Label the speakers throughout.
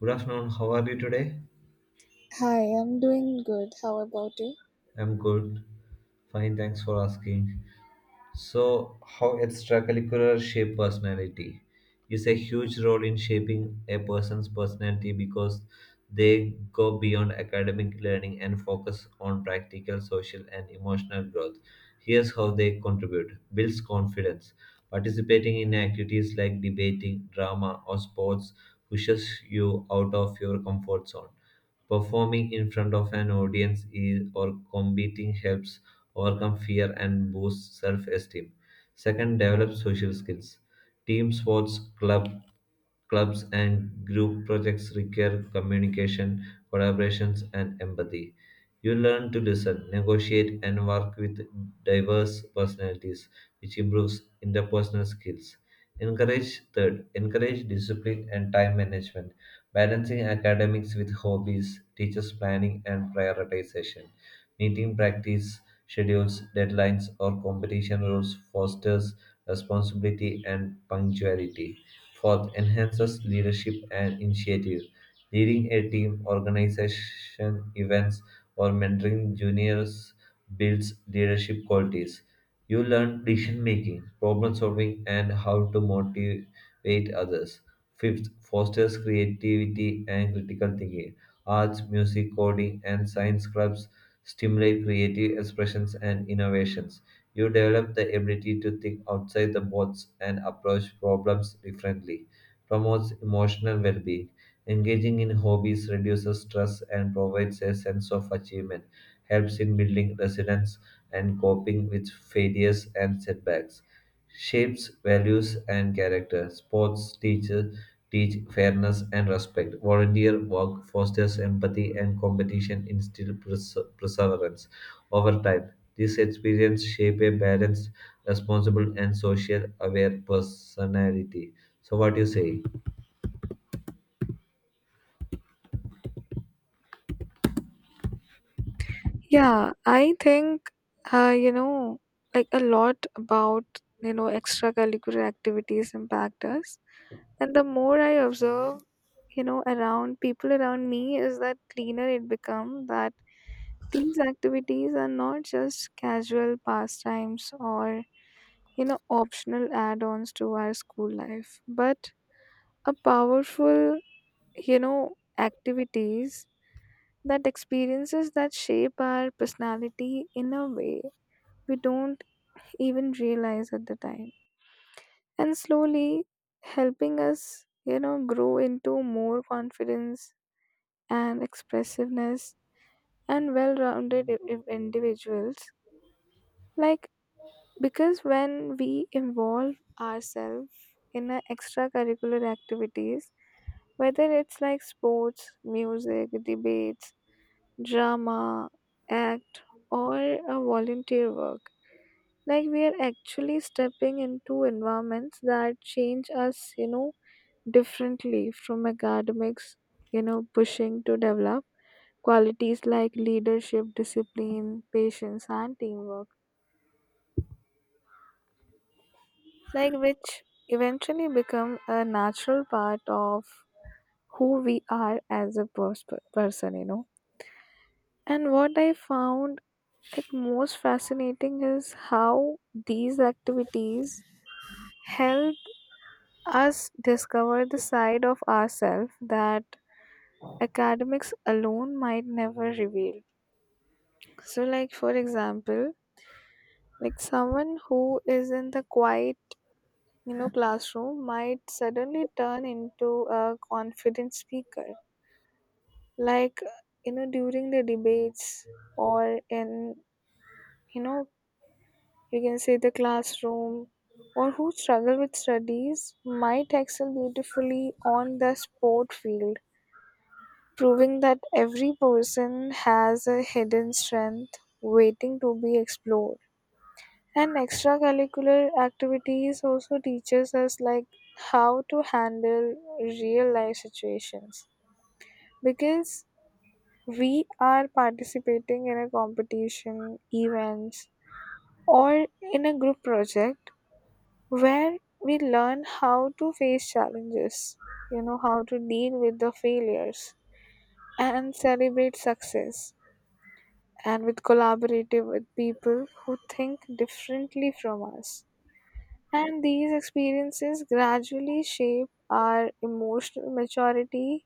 Speaker 1: Good afternoon. How are you today?
Speaker 2: Hi, I'm doing good. How about you?
Speaker 1: I'm good. Fine, thanks for asking. So, how extracurricular shape personality is a huge role in shaping a person's personality because they go beyond academic learning and focus on practical, social, and emotional growth. Here's how they contribute: builds confidence. Participating in activities like debating, drama, or sports pushes you out of your comfort zone. Performing in front of an audience is, or competing helps overcome fear and boost self esteem. Second, develop social skills. Team sports, clubs, and group projects require communication, collaborations, and empathy. You learn to listen, negotiate, and work with diverse personalities, which improves interpersonal skills. Encourage third, encourage discipline and time management. Balancing academics with hobbies, teaches planning and prioritization, meeting practice schedules, deadlines, or competition rules fosters responsibility and punctuality. Fourth, enhances leadership and initiative. Leading a team, organization, events, or mentoring juniors builds leadership qualities. You learn decision making, problem solving, and how to motivate others. Fifth, fosters creativity and critical thinking. Arts, music, coding, and science clubs stimulate creative expressions and innovations. You develop the ability to think outside the box and approach problems differently. Promotes emotional well being. Engaging in hobbies reduces stress and provides a sense of achievement, helps in building resilience and coping with failures and setbacks, shapes values and character. Sports teach fairness and respect. Volunteer work fosters empathy and competition instill perseverance. Over time, these experiences shape a balanced, responsible, and social aware personality. So, what do you say?
Speaker 2: Yeah, I think uh, you know, like a lot about, extracurricular activities impact us. And the more I observe, around people around me is that cleaner it become that these activities are not just casual pastimes or, optional add-ons to our school life, but a powerful, activities that experiences that shape our personality in a way we don't even realize at the time and slowly helping us grow into more confidence and expressiveness and well-rounded individuals, like because when we involve ourselves in a extracurricular activities, whether it's like sports, music, debates, drama, act, or a volunteer work. Like we are actually stepping into environments that change us, differently from academics, pushing to develop qualities like leadership, discipline, patience, and teamwork, like which eventually become a natural part of who we are as a person, you know. And what I found like most fascinating is how these activities help us discover the side of ourselves that academics alone might never reveal. So, like for example, like someone who is in the quiet, classroom might suddenly turn into a confident speaker, like during the debates or in, you know you can say, the classroom, or who struggle with studies might excel beautifully on the sport field, proving that every person has a hidden strength waiting to be explored. And extracurricular activities also teaches us like how to handle real life situations, because we are participating in a competition, events, or in a group project, where we learn how to face challenges, how to deal with the failures and celebrate success and with collaborative with people who think differently from us. And these experiences gradually shape our emotional maturity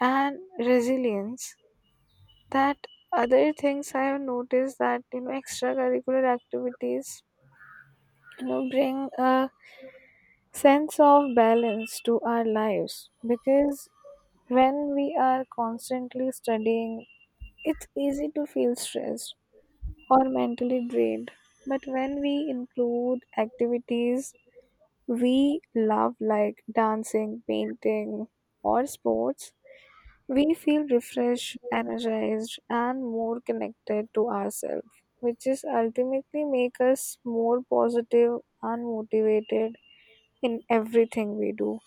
Speaker 2: and resilience. That other things I have noticed that extracurricular activities bring a sense of balance to our lives, because when we are constantly studying, it's easy to feel stressed or mentally drained. But when we include activities we love, like dancing, painting, or sports, we feel refreshed, energized, and more connected to ourselves, which is ultimately make us more positive and motivated in everything we do.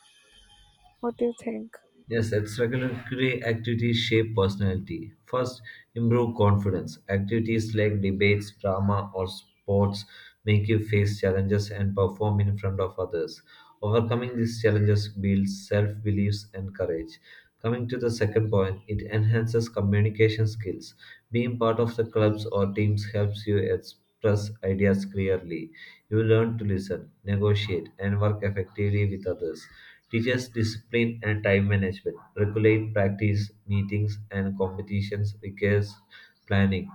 Speaker 2: What do you think?
Speaker 1: Yes, extracurricular activities shape personality. First, improve confidence. Activities like debates, drama, or sports make you face challenges and perform in front of others. Overcoming these challenges builds self beliefs and courage. Coming to the second point, it enhances communication skills. Being part of the clubs or teams helps you express ideas clearly. You learn to listen, negotiate, and work effectively with others. Teaches discipline and time management. Regulate practice, meetings, and competitions requires planning.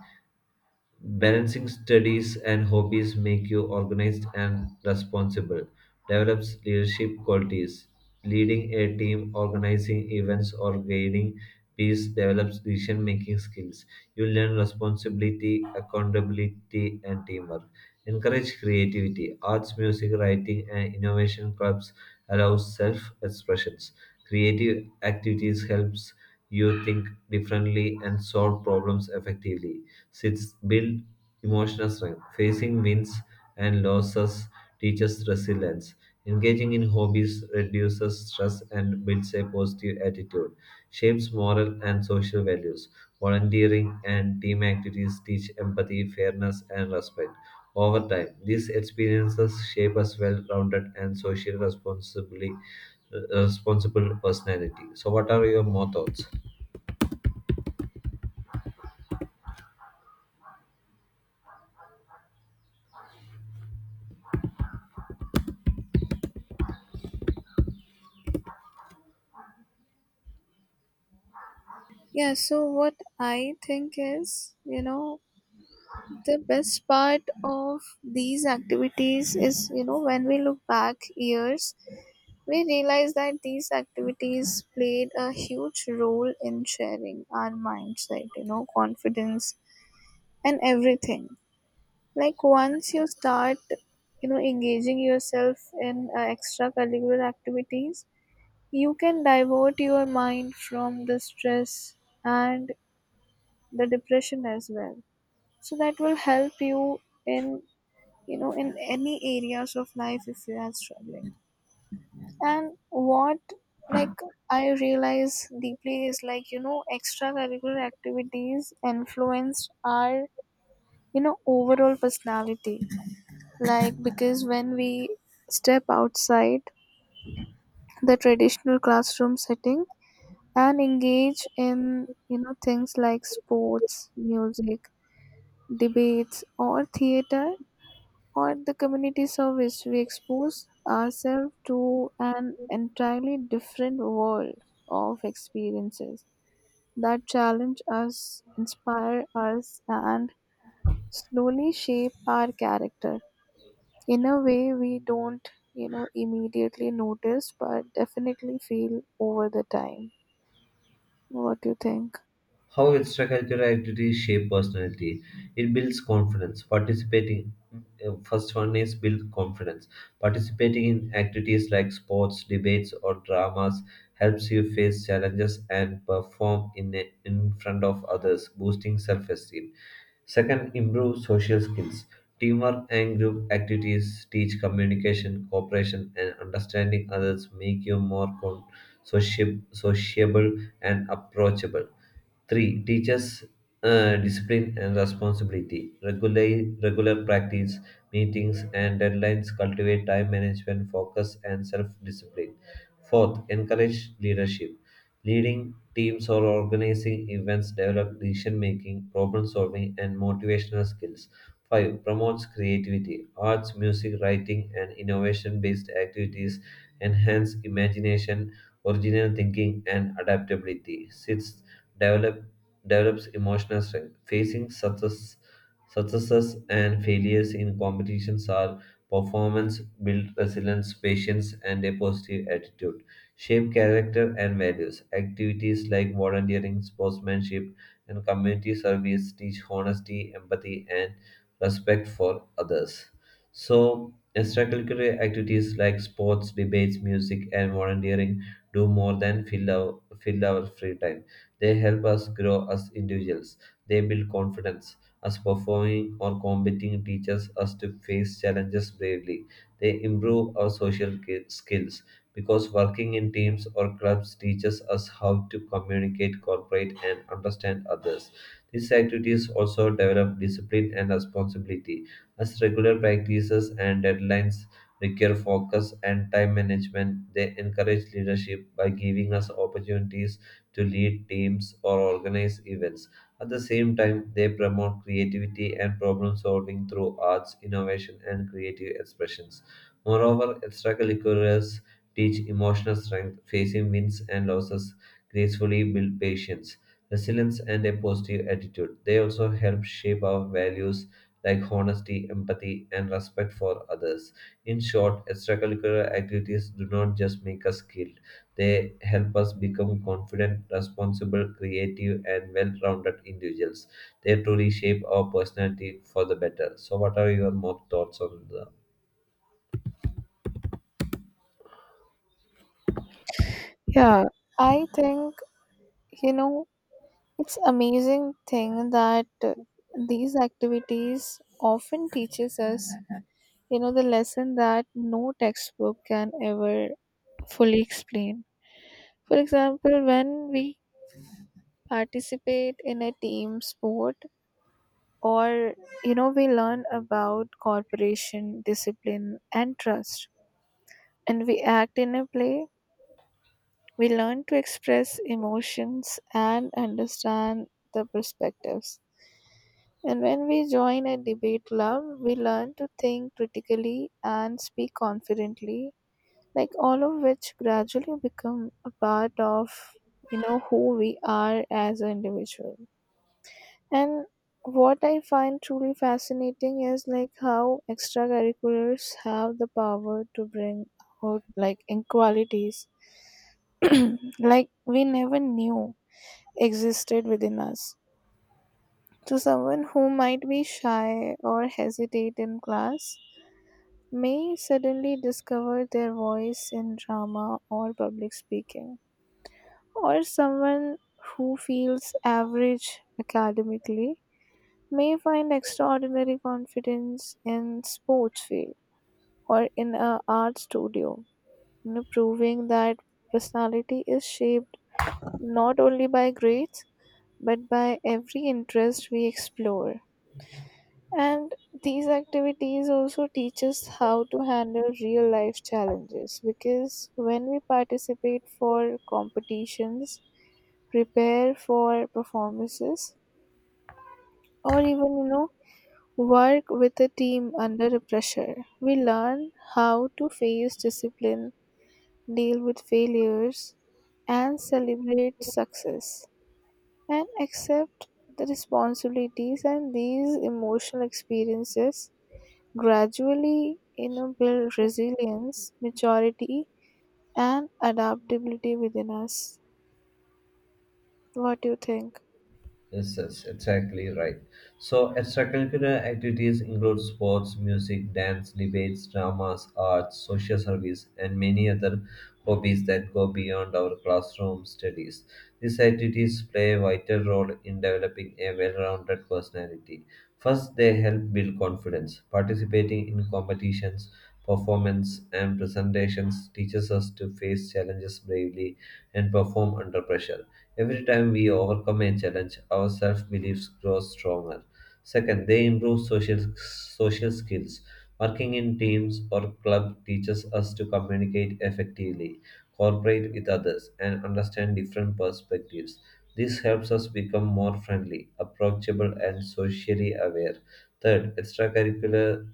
Speaker 1: Balancing studies and hobbies make you organized and responsible, develops leadership qualities. Leading a team, organizing events, or guiding peace develops decision making skills. You learn responsibility, accountability, and teamwork. Encourage creativity. Arts, music, writing, and innovation clubs allow self expressions. Creative activities helps you think differently and solve problems effectively. Six, build emotional strength. Facing wins and losses teaches resilience. Engaging in hobbies reduces stress and builds a positive attitude, shapes moral and social values. Volunteering and team activities teach empathy, fairness, and respect. Over time, these experiences shape us well rounded and responsible personality. So, what are your more thoughts?
Speaker 2: Yeah, so what I think is, you know, the best part of these activities is, you know, when we look back years, we realize that these activities played a huge role in sharing our mindset, you know, confidence and everything. Like once you start, engaging yourself in extracurricular activities, you can divert your mind from the stress and the depression as well, so that will help you in, in any areas of life if you are struggling. And what like I realize deeply is, like extracurricular activities influence our, overall personality, like because when we step outside the traditional classroom setting and engage in, things like sports, music, debates, or theater, or the community service, we expose ourselves to an entirely different world of experiences that challenge us, inspire us, and slowly shape our character in a way we don't, you know, immediately notice, but definitely feel over the time. What do you think?
Speaker 1: How extracurricular activities shape personality. It builds confidence. Participating, first one is build confidence. Participating in activities like sports, debates, or dramas helps you face challenges and perform in front of others, boosting self esteem. Second, improve social skills. Teamwork and group activities teach communication, cooperation, and understanding others, make you more sociable, and approachable. 3. Teaches discipline and responsibility. Regular practice, meetings, and deadlines cultivate time management, focus, and self discipline. Fourth, encourage leadership. Leading teams or organizing events develop decision making, problem solving, and motivational skills. 5. Promotes creativity. Arts, music, writing, and innovation based activities enhance imagination original thinking, and adaptability. Sixth, develop, develops emotional strength. Facing successes and failures in competitions are performance, build resilience, patience, and a positive attitude. Shape character and values. Activities like volunteering, sportsmanship, and community service teach honesty, empathy, and respect for others. So, extracurricular activities like sports, debates, music, and volunteering do more than fill our free time. They help us grow as individuals. They build confidence. As performing or competing teaches us to face challenges bravely. They improve our skills because working in teams or clubs teaches us how to communicate, cooperate, and understand others. These activities also develop discipline and responsibility, as regular practices and deadlines require focus and time management. They encourage leadership by giving us opportunities to lead teams or organize events. At the same time, they promote creativity and problem solving through arts, innovation, and creative expressions. Moreover, extracurriculars teach emotional strength, facing wins and losses, gracefully build patience, resilience, and a positive attitude. They also help shape our values like honesty, empathy, and respect for others. In short, extracurricular activities do not just make us skilled, they help us become confident, responsible, creative, and well rounded individuals. They truly shape our personality for the better. So, what are your more thoughts on the
Speaker 2: Yeah, I think, you know, it's amazing thing that these activities often teaches us the lesson that no textbook can ever fully explain. For example, when we participate in a team sport, or we learn about cooperation, discipline, and trust, and we act in a play, we learn to express emotions and understand the perspectives, and when we join a debate club, we learn to think critically and speak confidently, like all of which gradually become a part of, who we are as an individual. And what I find truly fascinating is like how extracurriculars have the power to bring out like inequalities like we never knew existed within us. So someone who might be shy or hesitate in class may suddenly discover their voice in drama or public speaking, or someone who feels average academically may find extraordinary confidence in sports field or in a art studio, you know, proving that personality is shaped not only by grades but by every interest we explore. And these activities also teach us how to handle real life challenges, because when we participate for competitions, prepare for performances, or even, you know, work with a team under a pressure, we learn how to face discipline, deal with failures, and celebrate success and accept the responsibilities. And these emotional experiences gradually build resilience, maturity, and adaptability within us. What do you think?
Speaker 1: Yes, yes, exactly right. So, extracurricular activities include sports, music, dance, debates, dramas, arts, social service, and many other hobbies that go beyond our classroom studies. These activities play a vital role in developing a well rounded personality. First, they help build confidence. Participating in competitions, performance, and presentations teaches us to face challenges bravely and perform under pressure. Every time we overcome a challenge, our self beliefs grow stronger. Second, they improve social skills. Working in teams or club teaches us to communicate effectively, cooperate with others, and understand different perspectives. This helps us become more friendly, approachable, and socially aware. Third, extracurricular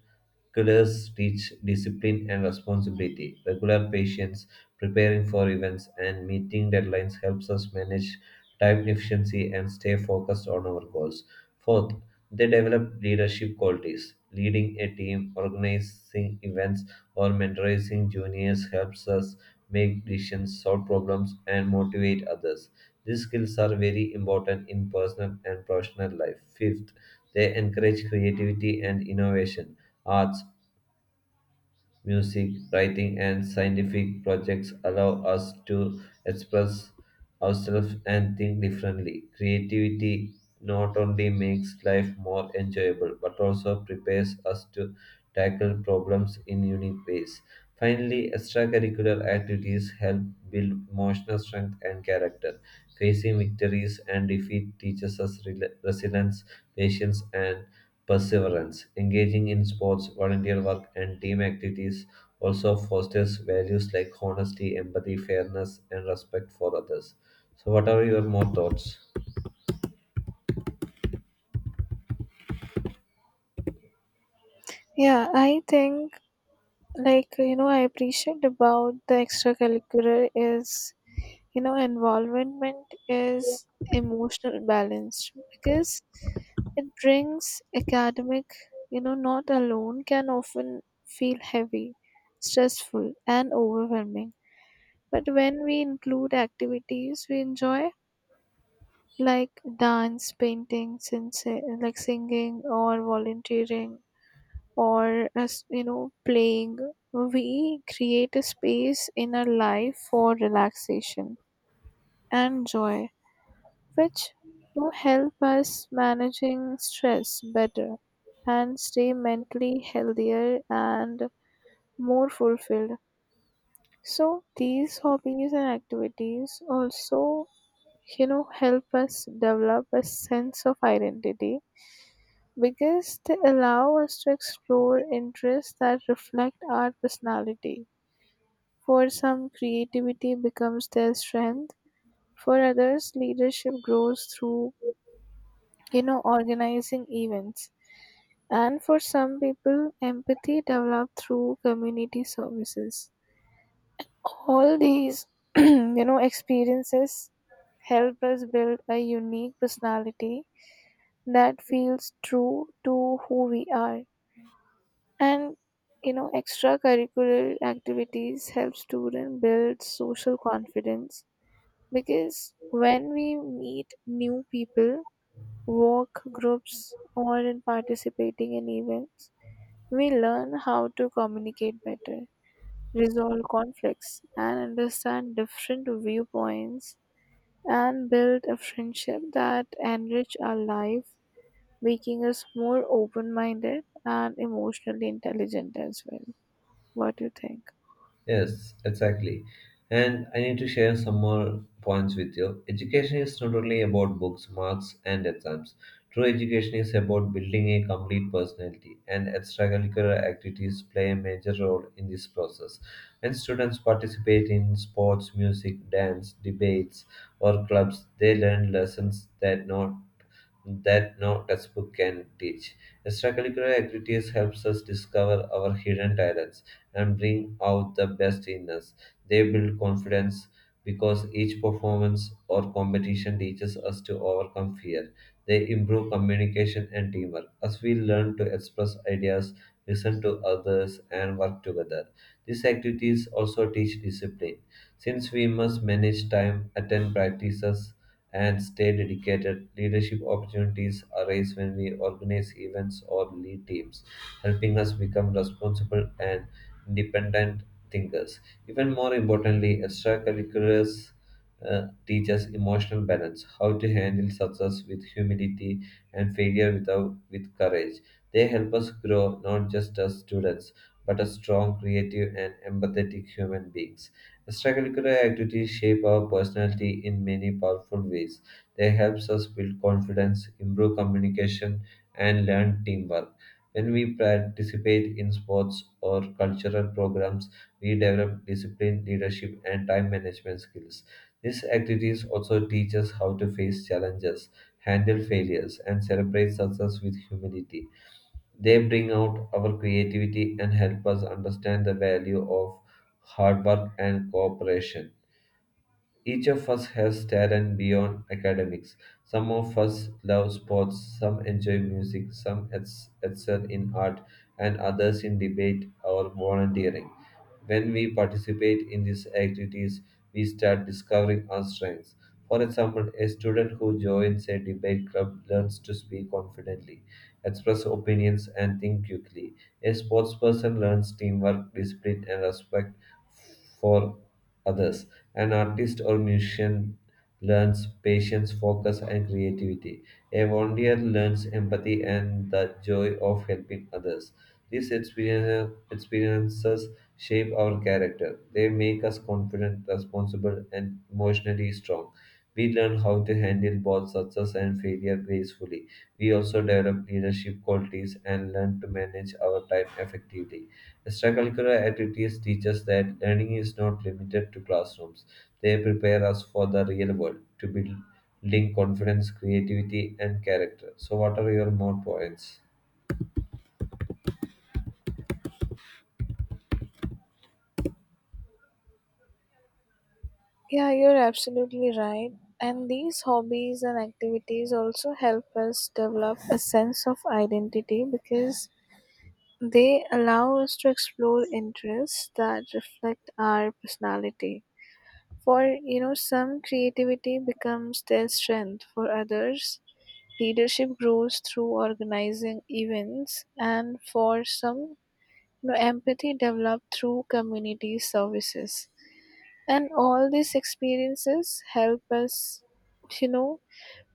Speaker 1: curriculars teach discipline and responsibility. Regular patience, preparing for events, and meeting deadlines helps us manage time efficiency and stay focused on our goals. Fourth, they develop leadership qualities. Leading a team, organizing events, or mentoring juniors helps us make decisions, solve problems, and motivate others. These skills are very important in personal and professional life. Fifth, they encourage creativity and innovation. Arts, music, writing, and scientific projects allow us to express ourselves and think differently. Creativity not only makes life more enjoyable but also prepares us to tackle problems in unique ways. Finally, extracurricular activities help build emotional strength and character. Facing victories and defeat teaches us resilience, patience, and perseverance. Engaging in sports, volunteer work, and team activities also fosters values like honesty, empathy, fairness, and respect for others. So, what are your more thoughts?
Speaker 2: Yeah, I think, like I appreciate about the extracurricular is, involvement is emotional balance, because it brings academic, not alone can often feel heavy, stressful, and overwhelming. But when we include activities we enjoy, like dance, painting, like singing or volunteering, or as you know, playing. We create a space in our life for relaxation and joy, which will help us managing stress better and stay mentally healthier and more fulfilled. So these hobbies and activities also, help us develop a sense of identity, because they allow us to explore interests that reflect our personality. For some, creativity becomes their strength. For others, leadership grows through, you know, organizing events. And for some people, empathy develops through community services. All these, you know, experiences help us build a unique personality that feels true to who we are. And you know, extracurricular activities help students build social confidence, because when we meet new people, work groups, or in participating in events, we learn how to communicate better, resolve conflicts, and understand different viewpoints and build a friendship that enrich our life, making us more open-minded and emotionally intelligent as well. What do you think?
Speaker 1: Yes, exactly. And I need to share some more points with you. Education is not only about books, marks, and exams. True education is about building a complete personality, and extracurricular activities play a major role in this process. When students participate in sports, music, dance, debates, or clubs, they learn lessons that not that no textbook can teach. Extracurricular activities helps us discover our hidden talents and bring out the best in us. They build confidence because each performance or competition teaches us to overcome fear. They improve communication and teamwork as we learn to express ideas, listen to others, and work together. These activities also teach discipline since we must manage time, attend practices, and stay dedicated, leadership opportunities arise when we organize events or lead teams helping us become responsible and independent thinkers. Even more importantly, extracurriculars teach us emotional balance, how to handle success with humility and failure without, with courage. They help us grow not just as students, but as strong, creative, and empathetic human beings. Extracurricular activities shape our personality in many powerful ways. They help us build confidence, improve communication, and learn teamwork. When we participate in sports or cultural programs, we develop discipline, leadership, and time management skills. These activities also teach us how to face challenges, handle failures, and celebrate success with humility. They bring out our creativity and help us understand the value of hard work and cooperation. Each of us has talent beyond academics. Some of us love sports, some enjoy music, some excel in art, and others in debate or volunteering. When we participate in these activities, we start discovering our strengths. For example, a student who joins a debate club learns to speak confidently, express opinions, and think quickly. A sports person learns teamwork, discipline, and respect for others. An artist or musician learns patience, focus, and creativity. A volunteer learns empathy and the joy of helping others. Experiences shape our character. They make us confident, responsible, and emotionally strong. We learn how to handle both success and failure gracefully. We also develop leadership qualities and learn to manage our time effectively. Extracurricular activities teach us that learning is not limited to classrooms. They prepare us for the real world, to build link confidence, creativity, and character. So, what are your more points?
Speaker 2: Yeah, you're absolutely right. And these hobbies and activities also help us develop a sense of identity, because they allow us to explore interests that reflect our personality. For, you know, some creativity becomes their strength. For others, leadership grows through organizing events. And for some, you know, empathy developed through community services. And all these experiences help us, you know,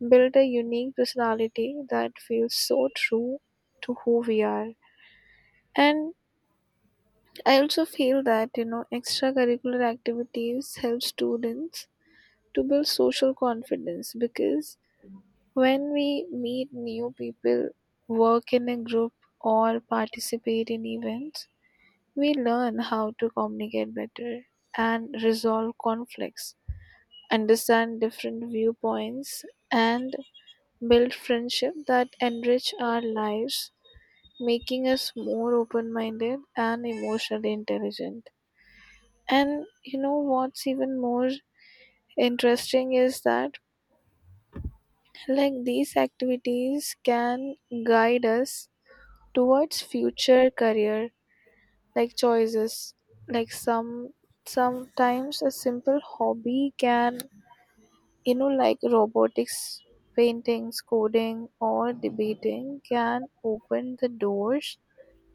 Speaker 2: build a unique personality that feels so true to who we are. And I also feel that, you know, extracurricular activities help students to build social confidence, because when we meet new people, work in a group, or participate in events, we learn how to communicate better and resolve conflicts, understand different viewpoints, and build friendship that enrich our lives, making us more open minded and emotionally intelligent. And you know what's even more interesting is that like these activities can guide us towards future career, like choices, like sometimes a simple hobby can, like robotics, paintings, coding, or debating, can open the doors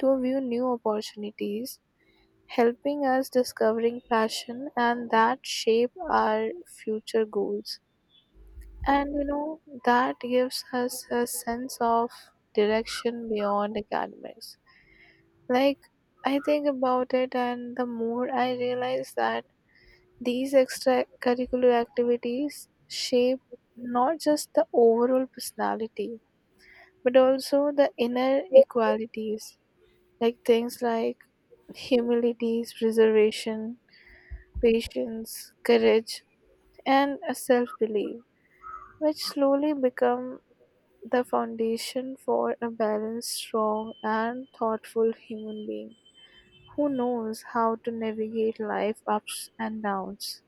Speaker 2: to view new opportunities, helping us discovering passion and that shape our future goals. And you know, that gives us a sense of direction beyond academics. Like I think about it and the more I realize that these extracurricular activities shape not just the overall personality but also the inner equalities, like things like humility, preservation, patience, courage, and a self-belief, which slowly become the foundation for a balanced, strong, and thoughtful human being who knows how to navigate life ups and downs.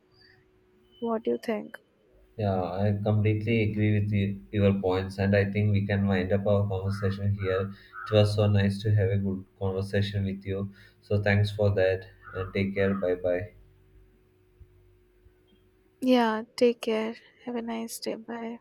Speaker 2: What do you think?
Speaker 1: Yeah, I completely agree with you, your points, and I think we can wind up our conversation here. It was so nice to have a good conversation with you. So, thanks for that, and take care. Bye bye.
Speaker 2: Yeah, take care. Have a nice day. Bye.